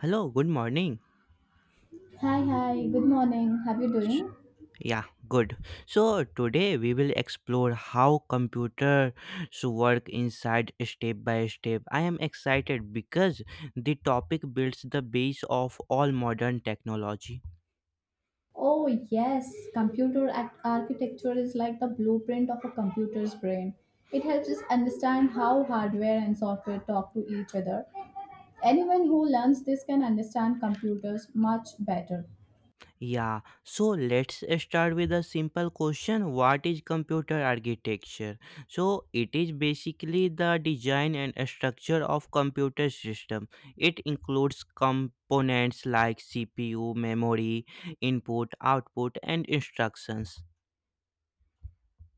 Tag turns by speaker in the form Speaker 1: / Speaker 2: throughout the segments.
Speaker 1: Hello, good morning.
Speaker 2: Hi, hi, good morning. How you doing?
Speaker 1: S- Yeah, good. So today we will explore how computers work inside step by step. I am excited because the topic builds the base of all modern technology.
Speaker 2: Oh, yes, computer architecture is like the blueprint of a computer's brain. It helps us understand how hardware and software talk to each other. Anyone who learns this can understand computers much better.
Speaker 1: Yeah, so let's start with a simple question. What is computer architecture? So it is basically the design and structure of computer system. It includes components like CPU, memory, input, output and instructions.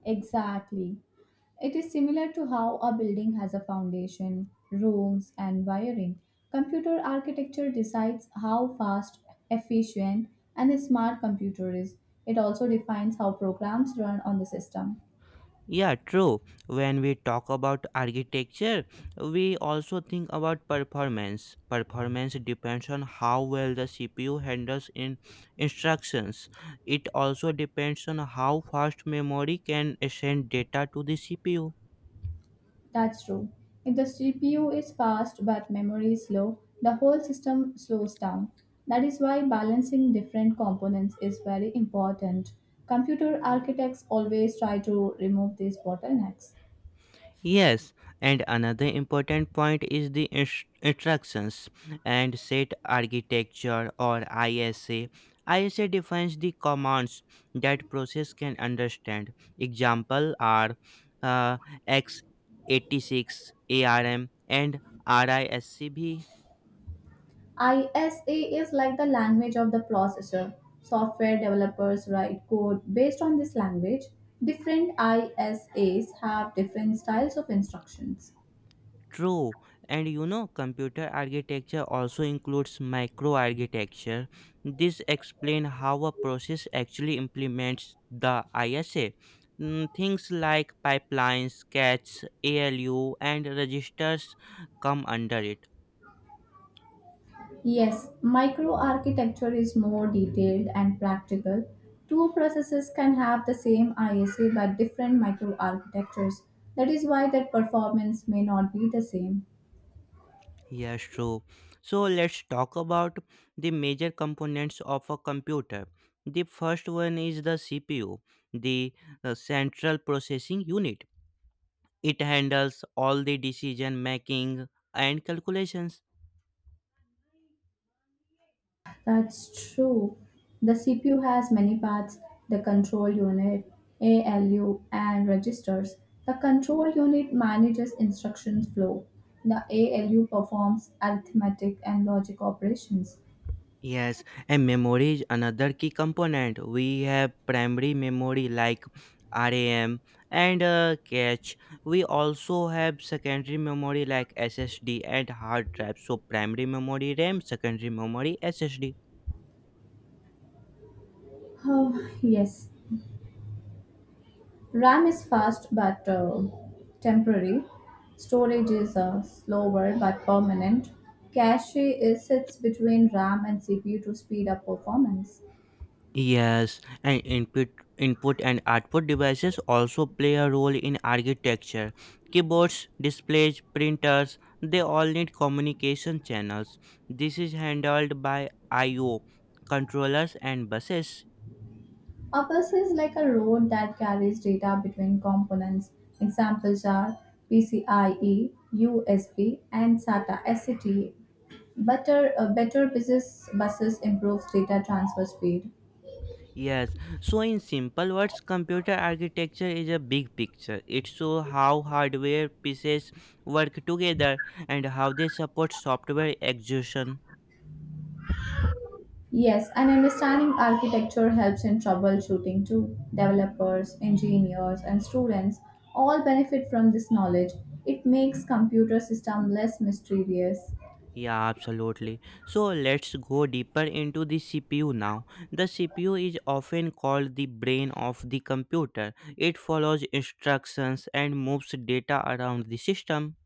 Speaker 2: Exactly. It is similar to how a building has a foundation, rooms, and wiring. Computer architecture decides how fast, efficient, and a smart computer is. It also defines how programs run on the system.
Speaker 1: Yeah, true. When we talk about architecture, we also think about performance. Performance depends on how well the CPU handles in instructions. It also depends on how fast memory can send data to the CPU.
Speaker 2: That's true. If the CPU is fast but memory is slow, the whole system slows down. That is why balancing different components is very important. Computer architects always try to remove these bottlenecks.
Speaker 1: Yes, and another important point is the instructions and set architecture or ISA. ISA defines the commands that process can understand. Example are uh, x86 ARM and RISC-V.
Speaker 2: ISA is like the language of the processor. Software developers write code based on this language. Different ISAs have different styles of instructions.
Speaker 1: True, and computer architecture also includes microarchitecture. This explains how a process actually implements the ISA. Things like pipelines, CATs, ALU, and registers come under it.
Speaker 2: Yes, microarchitecture is more detailed and practical. Two processes can have the same ISA but different microarchitectures. That is why their performance may not be the same.
Speaker 1: Yes, true. So let's talk about the major components of a computer. The first one is the CPU, the central processing unit. It handles all the decision making and calculations.
Speaker 2: That's true. The CPU has many parts: the control unit, ALU, and registers. The control unit manages instruction flow. The ALU performs arithmetic and logic operations.
Speaker 1: Yes, and memory is another key component. We have primary memory like RAM and cache. We also have secondary memory like SSD and hard drive. So, primary memory RAM, secondary memory SSD.
Speaker 2: Oh, yes. RAM is fast but temporary. Storage is slower but permanent. Cache is sits between RAM and CPU to speed up performance.
Speaker 1: Yes, and input and output devices also play a role in architecture. Keyboards, displays, printers, they all need communication channels. This is handled by IO controllers and buses.
Speaker 2: A bus is like a road that carries data between components. Examples are PCIe, USB, and SATA SCTA. Better business buses improves data transfer speed.
Speaker 1: Yes, so in simple words, computer architecture is a big picture. It shows how hardware pieces work together and how they support software execution.
Speaker 2: Yes, and understanding architecture helps in troubleshooting too. Developers, engineers, and students all benefit from this knowledge. It makes computer system less mysterious.
Speaker 1: Yeah, absolutely. So let's go deeper into the CPU now. The CPU is often called the brain of the computer. It follows instructions and moves data around the system.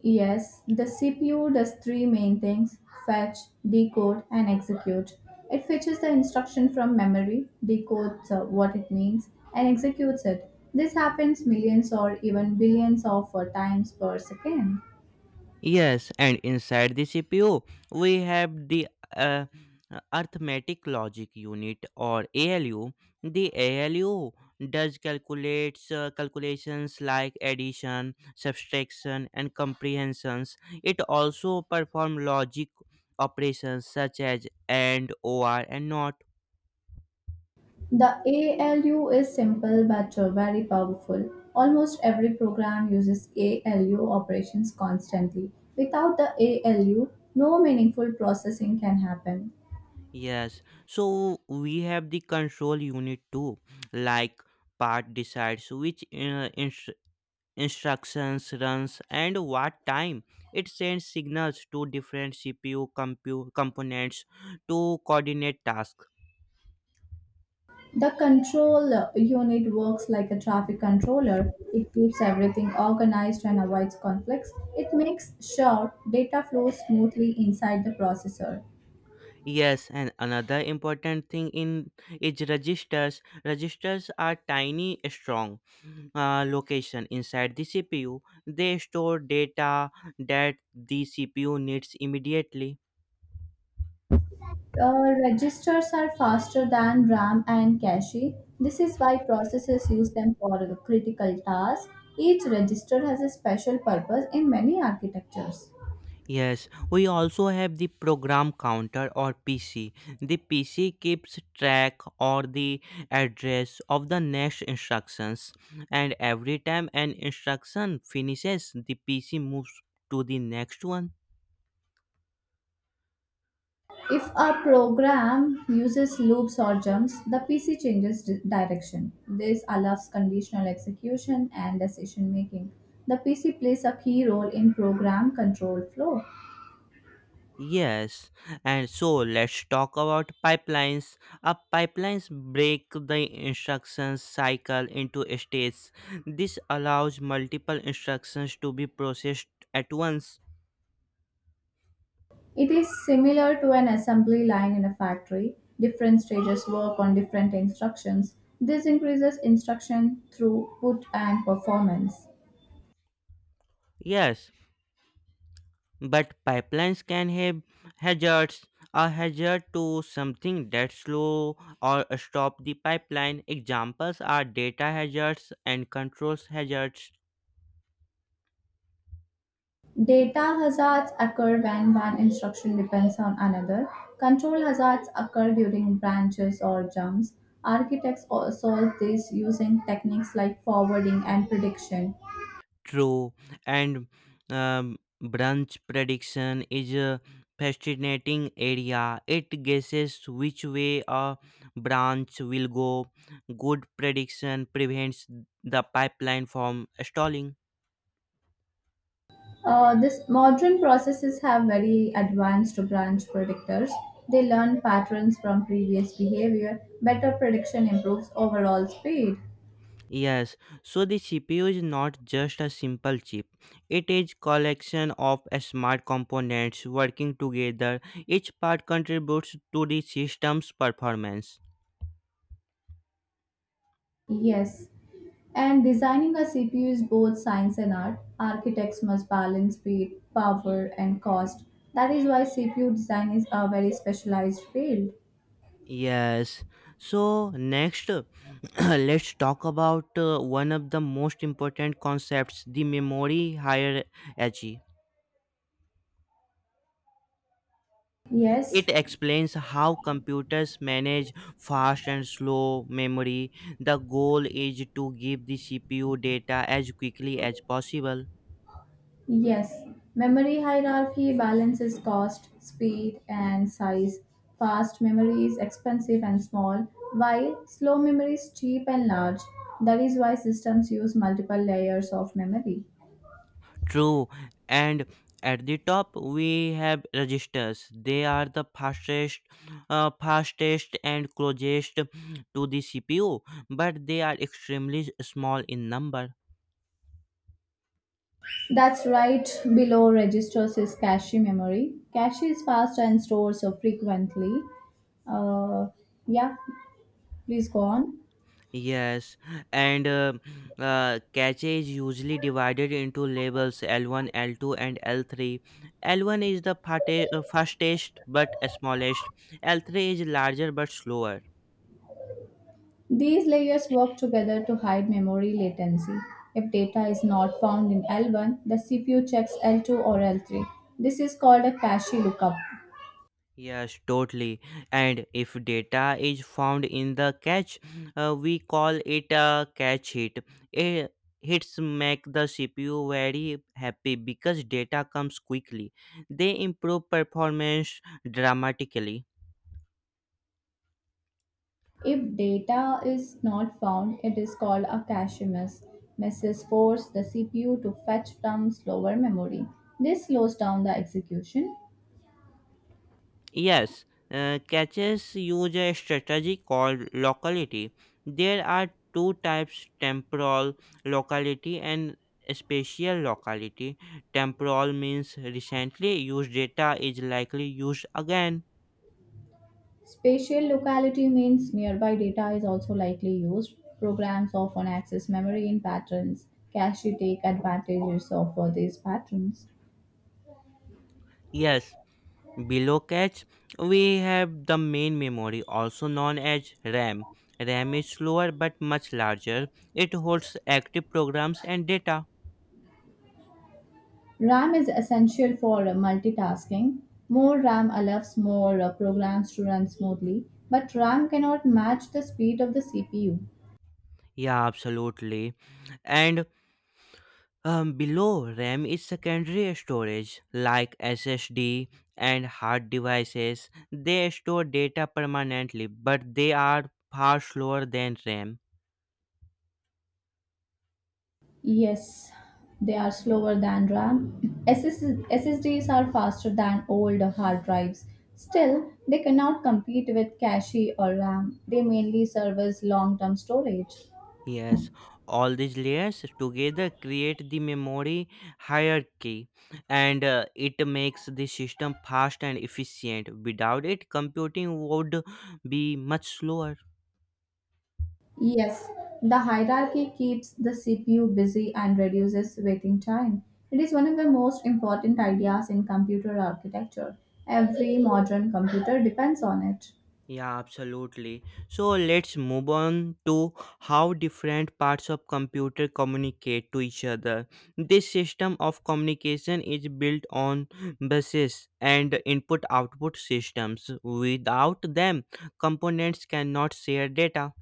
Speaker 2: Yes, the CPU does three main things: fetch, decode, and execute. It fetches the instruction from memory, decodes what it means, and executes it. This happens millions or even billions of times per second.
Speaker 1: Yes, and inside the CPU, we have the uh, arithmetic logic unit or ALU. The ALU does calculates calculations like addition, subtraction, and comprehensions. It also perform logic operations such as AND, OR, and NOT.
Speaker 2: The ALU is simple but very powerful. Almost every program uses ALU operations constantly. Without the ALU, no meaningful processing can happen.
Speaker 1: Yes, so we have the control unit too, like part decides which instructions runs and what time. It sends signals to different CPU components to coordinate tasks.
Speaker 2: The control unit works like a traffic controller. It keeps everything organized and avoids conflicts. It makes sure data flows smoothly inside the processor.
Speaker 1: Yes, and another important thing in is registers. Registers are tiny strong location inside the CPU. They store data that the CPU needs immediately.
Speaker 2: Registers are faster than RAM and cache. This is why processors use them for critical tasks. Each register has a special purpose in many architectures.
Speaker 1: Yes, we also have the program counter or PC. The PC keeps track or the address of the next instructions, and every time an instruction finishes the PC moves to the next one.
Speaker 2: If a program uses loops or jumps, the PC changes direction. This allows conditional execution and decision making. The PC plays a key role in program control flow.
Speaker 1: Yes, and so let's talk about pipelines. A pipelines break the instructions cycle into stages. This allows multiple instructions to be processed at once.
Speaker 2: It is similar to an assembly line in a factory. Different stages work on different instructions. This increases instruction throughput and performance.
Speaker 1: Yes, but pipelines can have hazards. A hazard to something that slow or stop the pipeline. Examples are data hazards and controls hazards.
Speaker 2: Data hazards occur when one instruction depends on another. Control hazards occur during branches or jumps. Architects solve this using techniques like forwarding and prediction.
Speaker 1: True, and branch prediction is a fascinating area. It guesses which way a branch will go. Good prediction prevents the pipeline from stalling.
Speaker 2: This modern processes have very advanced branch predictors. They learn patterns from previous behavior. Better prediction improves overall speed.
Speaker 1: Yes, so the CPU is not just a simple chip. It is collection of smart components working together. Each part contributes to the system's performance.
Speaker 2: Yes, and designing a CPU is both science and art. Architects must balance speed, power, and cost. That is why CPU design is a very specialized field.
Speaker 1: Yes. So next let's talk about one of the most important concepts, the memory hierarchy.
Speaker 2: Yes,
Speaker 1: It explains how computers manage fast and slow memory. The goal is to give the CPU data as quickly as possible.
Speaker 2: yes. Memory hierarchy balances cost, speed, and size. Fast memory is expensive and small, while slow memory is cheap and large. That is why systems use multiple layers of memory.
Speaker 1: True. And at the top we have registers. They are the fastest and closest to the CPU, but they are extremely small in number.
Speaker 2: That's right. Below registers is cache memory. Cache is fast and stores so frequently. Uh, yeah, please go on.
Speaker 1: Yes, and cache is usually divided into labels L1, L2, and L3. L1 is the fastest but smallest, L3 is larger but slower.
Speaker 2: These layers work together to hide memory latency. If data is not found in L1, the CPU checks L2 or L3. This is called a cache lookup.
Speaker 1: Yes, totally. And if data is found in the cache, we call it a cache hit. Eh, Hits make the CPU very happy because data comes quickly. They improve performance dramatically.
Speaker 2: If data is not found, it is called a cache miss. Misses force the CPU to fetch from slower memory. This slows down the execution.
Speaker 1: Yes, catches use a strategy called locality. There are two types, temporal locality and spatial locality. Temporal means recently used data is likely used again.
Speaker 2: Spatial locality means nearby data is also likely used. Programs often access memory in patterns. Cache take advantages of these patterns.
Speaker 1: Yes, below catch we have the main memory also known as RAM. RAM is slower but much larger. It holds active programs and data.
Speaker 2: RAM is essential for multitasking. More RAM allows more programs to run smoothly, but RAM cannot match the speed of the CPU.
Speaker 1: Yeah, absolutely. And below RAM is secondary storage like SSD and hard devices. They store data permanently, but they are far slower than RAM.
Speaker 2: Yes, they are slower than RAM. SSDs are faster than old hard drives. Still, they cannot compete with cache or RAM. They mainly serve as long term storage.
Speaker 1: Yes, all these layers together create the memory hierarchy, and it makes the system fast and efficient. Without it, computing would be much slower.
Speaker 2: Yes, the hierarchy keeps the CPU busy and reduces waiting time. It is one of the most important ideas in computer architecture. Every modern computer depends on it.
Speaker 1: Yeah, absolutely. So let's move on to how different parts of computer communicate to each other. This system of communication is built on buses and input output systems. Without them, components cannot share data.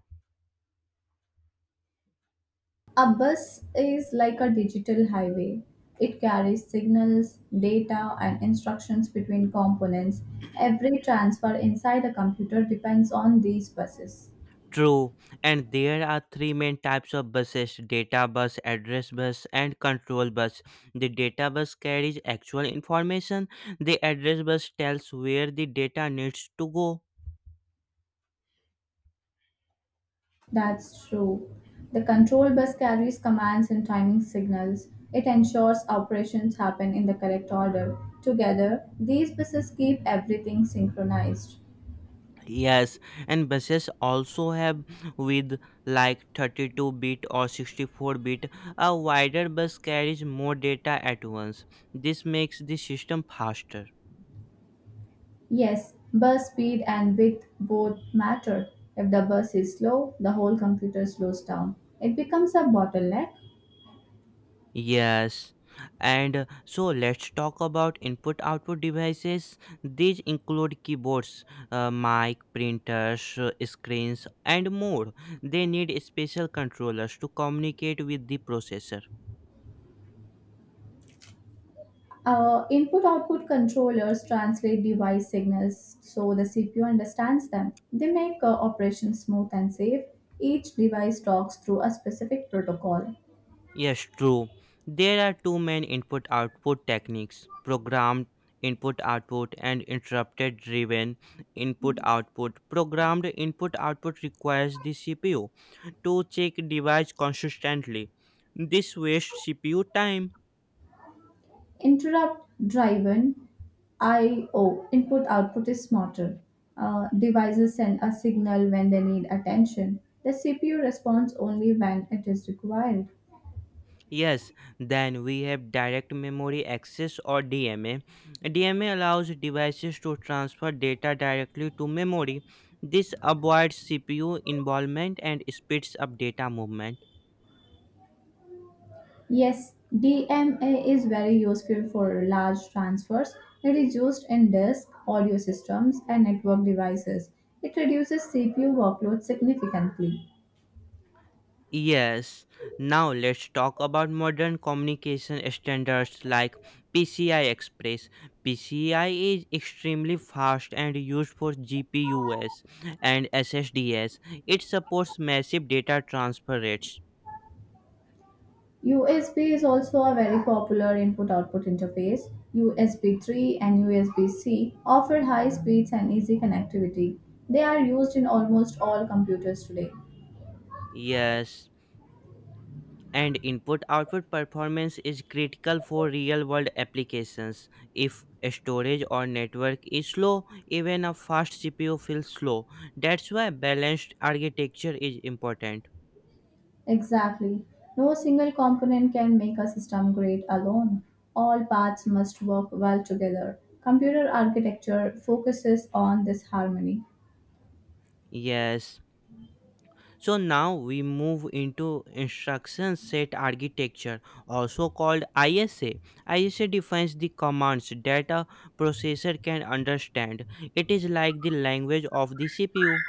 Speaker 2: A bus is like a digital highway. It carries signals, data, and instructions between components. Every transfer inside a computer depends on these buses.
Speaker 1: True, and there are three main types of buses, data bus, address bus, and control bus. The data bus carries actual information, the address bus tells where the data needs to go.
Speaker 2: That's true. The control bus carries commands and timing signals. It ensures operations happen in the correct order. Together, these buses keep everything synchronized.
Speaker 1: Yes, and buses also have with like 32 bit or 64 bit. A wider bus carries more data at once. This makes the system faster.
Speaker 2: Yes, bus speed and width both matter. If the bus is slow, the whole computer slows down. It becomes a bottleneck.
Speaker 1: Yes. And so let's talk about input output devices. These include keyboards, mic, printers, screens, and more. They need special controllers to communicate with the processor.
Speaker 2: Our input output controllers translate device signals so the CPU understands them. They make operations smooth and safe. Each device talks through a specific protocol.
Speaker 1: Yes, true. There are two main input output techniques, programmed input output and interrupted driven input output. Programmed input output requires the CPU to check device consistently. This wastes CPU time.
Speaker 2: Interrupt driven IO input output is smarter. Devices send a signal when they need attention. The CPU responds only when it is required.
Speaker 1: Yes, then we have direct memory access or DMA. DMA allows devices to transfer data directly to memory. This avoids CPU involvement and speeds up data movement.
Speaker 2: Yes, DMA is very useful for large transfers. It is used in disk, audio systems, and network devices. It reduces CPU workload significantly.
Speaker 1: Yes, now let's talk about modern communication standards like PCI Express. PCI is extremely fast and used for GPUs and SSDs. It supports massive data transfer rates.
Speaker 2: USB is also a very popular input output interface. USB 3 and USB C offer high speeds and easy connectivity. They are used in almost all computers today.
Speaker 1: Yes, and input output performance is critical for real world applications. If storage or network is slow, even a fast CPU feels slow. That's why balanced architecture is important.
Speaker 2: Exactly. No single component can make a system great alone. All parts must work well together. Computer architecture focuses on this harmony.
Speaker 1: Yes. So now we move into instruction set architecture, also called ISA. ISA defines the commands that a processor can understand. It is like the language of the CPU,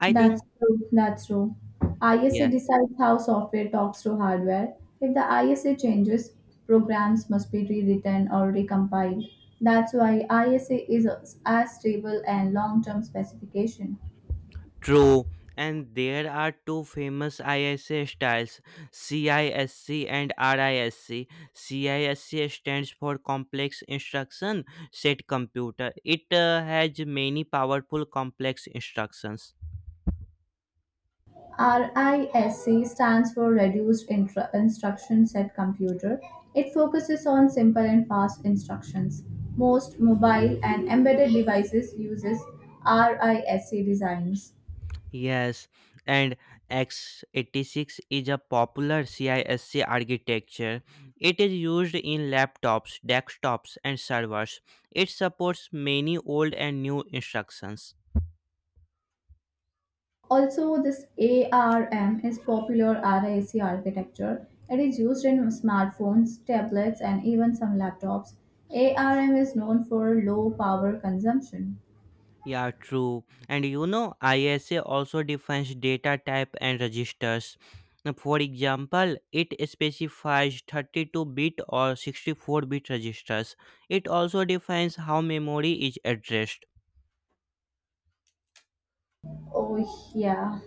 Speaker 1: I
Speaker 2: That's
Speaker 1: think.
Speaker 2: true. That's true. ISA decides how software talks to hardware. If the ISA changes, programs must be rewritten or recompiled. That's why ISA is as stable and long-term specification.
Speaker 1: True, and there are two famous ISA styles, CISC and RISC. CISC stands for Complex Instruction Set Computer. It has many powerful complex instructions.
Speaker 2: RISC stands for Reduced Instruction Set Computer. It focuses on simple and fast instructions. Most mobile and embedded devices uses RISC designs.
Speaker 1: Yes, and x86 is a popular CISC architecture. It is used in laptops, desktops, and servers. It supports many old and new instructions.
Speaker 2: Also, this ARM is popular RISC architecture. It is used in smartphones, tablets, and even some laptops. ARM is known for low power consumption.
Speaker 1: Yeah, true. And ISA also defines data type and registers. Now, for example, it specifies 32-bit or 64-bit registers. It also defines how memory is addressed.
Speaker 2: Oh, yeah.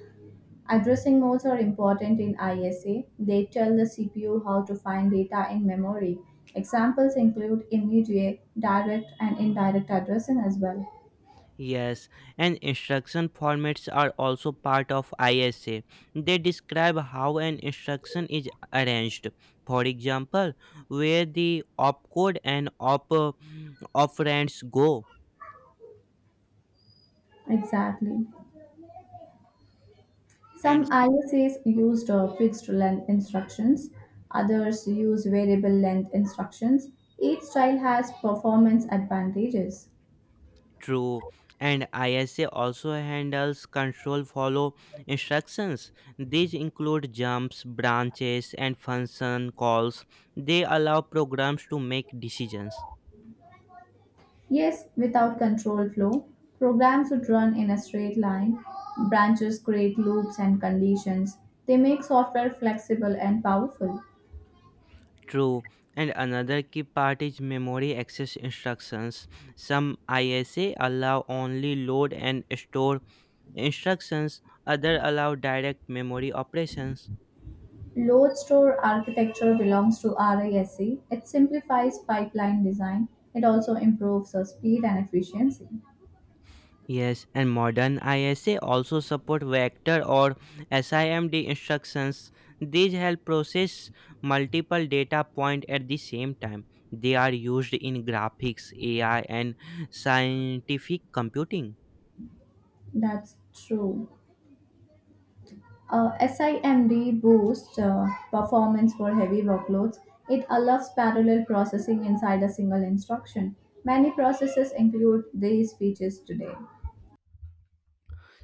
Speaker 2: Addressing modes are important in ISA. They tell the CPU how to find data in memory. Examples include immediate, direct, and indirect addressing as well.
Speaker 1: Yes, and instruction formats are also part of ISA. They describe how an instruction is arranged. For example, where the opcode and op operands go.
Speaker 2: Exactly.
Speaker 1: And
Speaker 2: Some ISAs used fixed length instructions, others use variable length instructions. Each style has performance advantages.
Speaker 1: true, and ISA also handles control follow instructions. These include jumps, branches, and function calls. They allow programs to make decisions.
Speaker 2: Yes, without control flow, programs would run in a straight line. Branches create loops and conditions. They make software flexible and powerful.
Speaker 1: True, and another key part is memory access instructions. Some ISA allow only load and store instructions, other allow direct memory operations.
Speaker 2: Load store architecture belongs to RISC. It simplifies pipeline design. It also improves the speed and efficiency.
Speaker 1: Yes, and modern ISA also support vector or SIMD instructions. These help process multiple data point at the same time. They are used in graphics, AI, and scientific computing.
Speaker 2: That's true. SIMD boosts performance for heavy workloads. It allows parallel processing inside a single instruction. Many processes include these features today.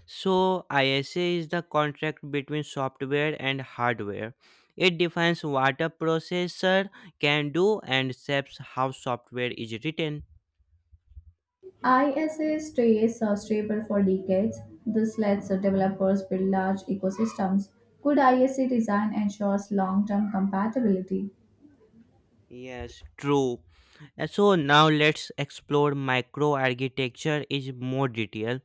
Speaker 1: So, ISA is the contract between software and hardware. It defines what a processor can do and shapes how software is written.
Speaker 2: ISA stays stable for decades. This lets developers build large ecosystems. Good ISA design ensures long term compatibility.
Speaker 1: Yes, true. So now let's explore microarchitecture is more detail.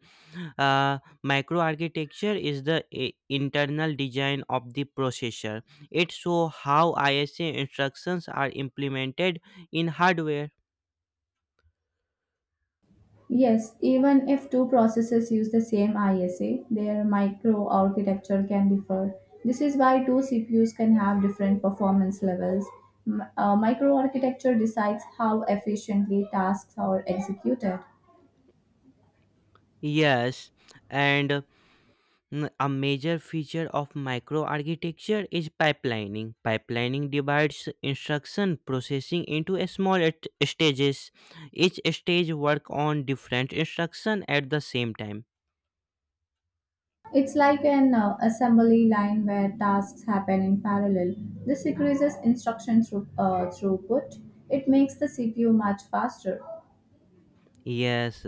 Speaker 1: Uh, Microarchitecture is the internal design of the processor. It shows how ISA instructions are implemented in hardware.
Speaker 2: Yes, even if two processes use the same ISA, their microarchitecture can differ. This is why two CPUs can have different performance levels. Microarchitecture decides how efficiently tasks are executed.
Speaker 1: Yes, and a major feature of microarchitecture is pipelining. Pipelining divides instruction processing into a small stages. Each stage work on different instruction at the same time.
Speaker 2: It's like an assembly line where tasks happen in parallel. This increases instruction throughput. It makes the CPU much faster.
Speaker 1: Yes.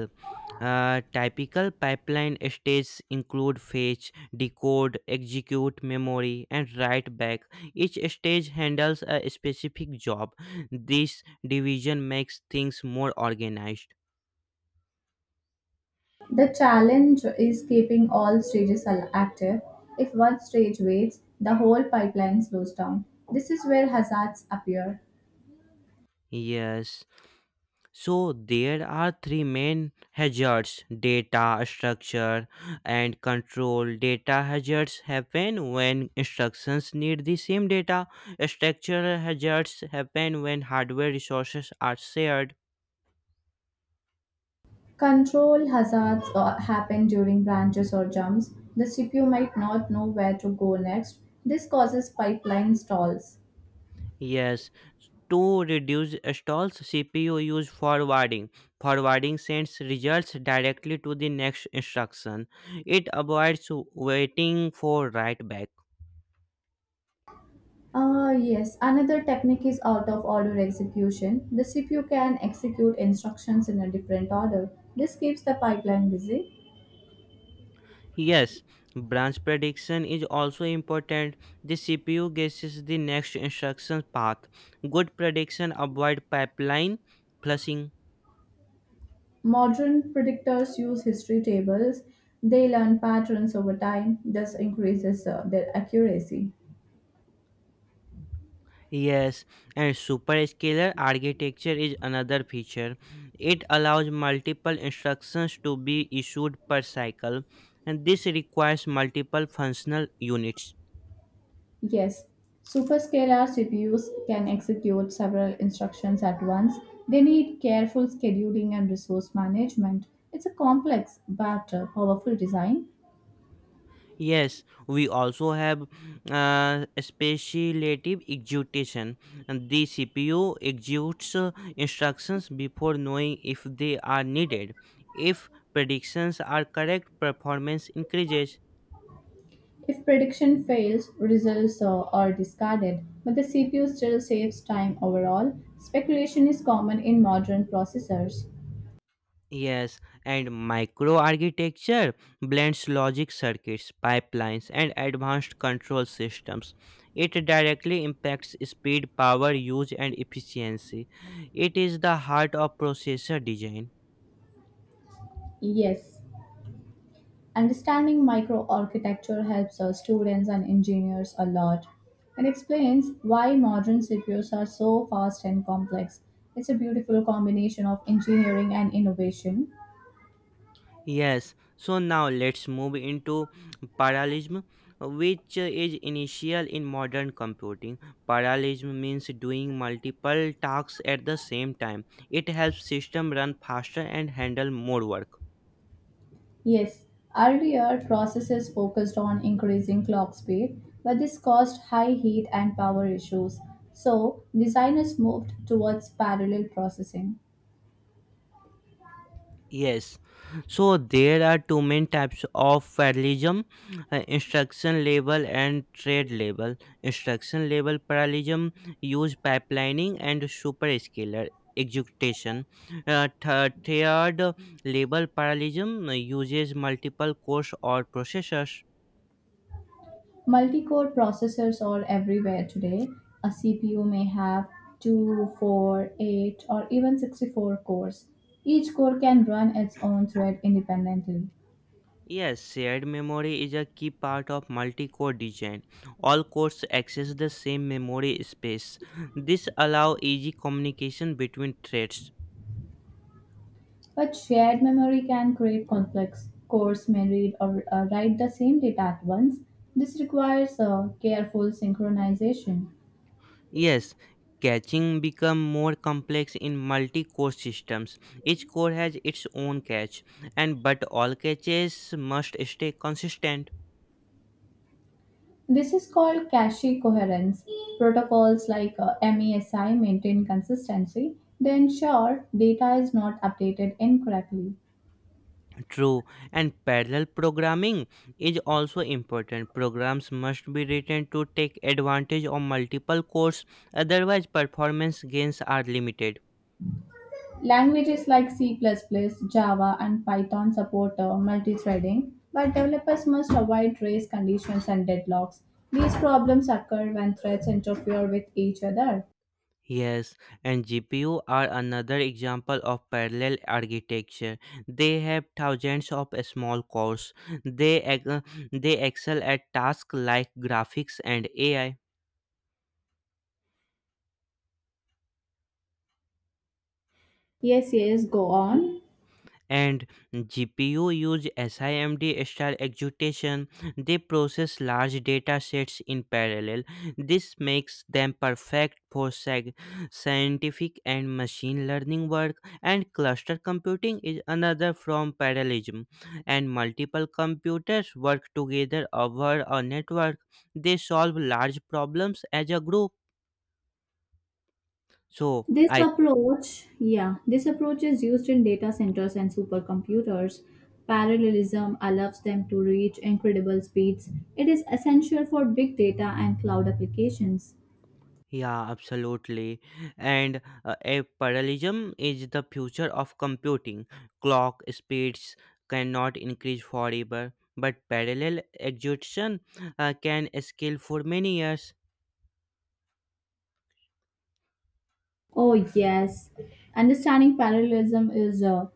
Speaker 1: Typical pipeline stages include fetch, decode, execute, memory, and write back. Each stage handles a specific job. This division makes things more organized.
Speaker 2: The challenge is keeping all stages active. If one stage waits, the whole pipeline slows down. This is where hazards appear.
Speaker 1: Yes. So there are three main hazards, data, structure and control. Data hazards happen when instructions need the same data. Structural hazards happen when hardware resources are shared.
Speaker 2: Control hazards happen during branches or jumps. The CPU might not know where to go next. This causes pipeline stalls.
Speaker 1: Yes, to reduce stalls, CPU use forwarding. Forwarding sends results directly to the next instruction. It avoids waiting for write back.
Speaker 2: Ah, yes, another technique is out of order execution. The CPU can execute instructions in a different order. This keeps the pipeline busy.
Speaker 1: Yes, branch prediction is also important. The CPU guesses the next instruction path. Good prediction avoid pipeline flushing.
Speaker 2: Modern predictors use history tables. They learn patterns over time, thus increases their accuracy.
Speaker 1: Yes, and superscalar architecture is another feature. It allows multiple instructions to be issued per cycle, and this requires multiple functional units.
Speaker 2: Yes, superscalar CPUs can execute several instructions at once. They need careful scheduling and resource management. It's a complex but powerful design.
Speaker 1: Yes, we also have speculative execution. And the CPU executes instructions before knowing if they are needed. If predictions are correct, performance increases.
Speaker 2: If prediction fails, results are discarded, but the CPU still saves time overall. Speculation is common in modern processors.
Speaker 1: Yes, and microarchitecture blends logic circuits, pipelines, and advanced control systems. It directly impacts speed, power, use, and efficiency. It is the heart of processor design.
Speaker 2: Yes, understanding microarchitecture helps our students and engineers a lot. It explains why modern CPUs are so fast and complex. It's a beautiful combination of engineering and innovation.
Speaker 1: Yes, so now let's move into parallelism, which is initial in modern computing. Parallelism means doing multiple tasks at the same time. It helps system run faster and handle more work.
Speaker 2: Yes, earlier processes focused on increasing clock speed, but this caused high heat and power issues. So, designers moved towards parallel processing.
Speaker 1: Yes, so there are two main types of parallelism, instruction level and trade level. Instruction level parallelism use pipelining and superscalar execution. Third level parallelism uses multiple cores or processors.
Speaker 2: Multi-core processors are everywhere today. A CPU may have 2, 4, 8, or even 64 cores. Each core can run its own thread independently.
Speaker 1: Yes, shared memory is a key part of multi-core design. All cores access the same memory space. This allows easy communication between threads.
Speaker 2: But shared memory can create conflicts. Cores may read or write the same data at once. This requires careful synchronization.
Speaker 1: Yes, catching become more complex in multi-core systems. Each core has its own catch, and but all catches must stay consistent.
Speaker 2: This is called cache coherence. Protocols like MESI maintain consistency. They ensure data is not updated incorrectly.
Speaker 1: True, and parallel programming is also important. Programs must be written to take advantage of multiple cores, otherwise performance gains are limited.
Speaker 2: Languages like C++, plus plus, Java, and Python support multi-threading, but developers must avoid race conditions and deadlocks. These problems occur when threads interfere with each other.
Speaker 1: Yes, and GPU are another example of parallel architecture. They have thousands of small cores. They ex- they excel at tasks like graphics and AI.
Speaker 2: Yes, yes, go on.
Speaker 1: And GPU use SIMD style execution. They process large data sets in parallel. This makes them perfect for scientific and machine learning work. And cluster computing is another from parallelism. And multiple computers work together over a network. They solve large problems as a group. So
Speaker 2: This
Speaker 1: I
Speaker 2: approach, yeah, this approach is used in data centers and supercomputers. Parallelism allows them to reach incredible speeds. It is essential for big data and cloud applications.
Speaker 1: Yeah, absolutely. And a parallelism is the future of computing. Clock speeds cannot increase forever, but parallel execution can scale for many years.
Speaker 2: Oh, yes. Understanding parallelism is uh,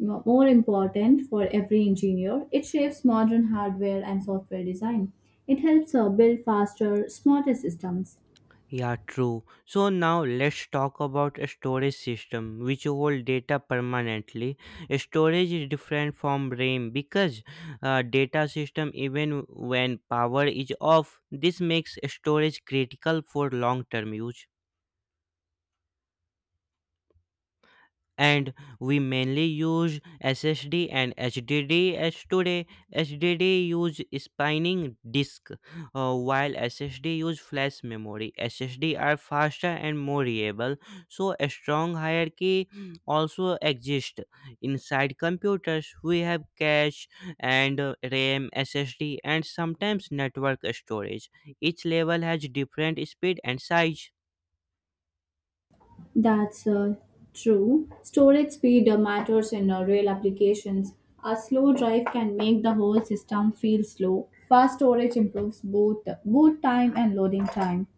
Speaker 2: m- more important for every engineer. It shapes modern hardware and software design. It helps build faster, smarter systems.
Speaker 1: Yeah, true. So now let's talk about a storage system which hold data permanently. Storage is different from RAM because data system even when power is off. This makes storage critical for long term use. And we mainly use SSD and HDD as today. HDD use spinning disk, while SSD use flash memory. SSD are faster and more reliable, so a strong hierarchy also exists inside computers. We have cache and RAM, SSD, and sometimes network storage. Each level has different speed and size.
Speaker 2: That's true. Storage speed matters in real applications. A slow drive can make the whole system feel slow. Fast storage improves both boot time and loading time.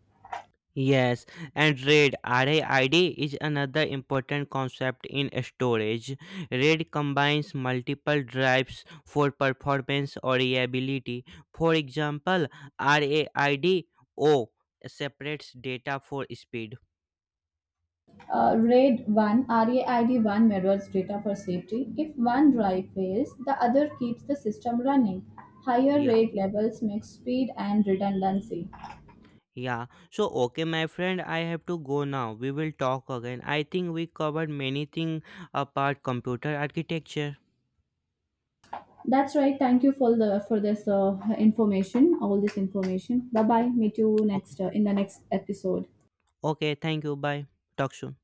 Speaker 1: Yes, and RAID is another important concept in storage. RAID combines multiple drives for performance or reliability. For example, RAID O separates data for speed.
Speaker 2: RAID 1 RAID 1 mirrors data for safety. If one drive fails, the other keeps the system running. Higher
Speaker 1: Yeah.
Speaker 2: RAID levels make speed and redundancy.
Speaker 1: Yeah. So okay my friend, I have to go now. We will talk again. I think we covered many things about computer architecture.
Speaker 2: That's right. Thank you for this information, all this information. Bye bye. Meet you
Speaker 1: Okay.
Speaker 2: next in the next episode.
Speaker 1: Okay, thank you. Bye. Talk soon.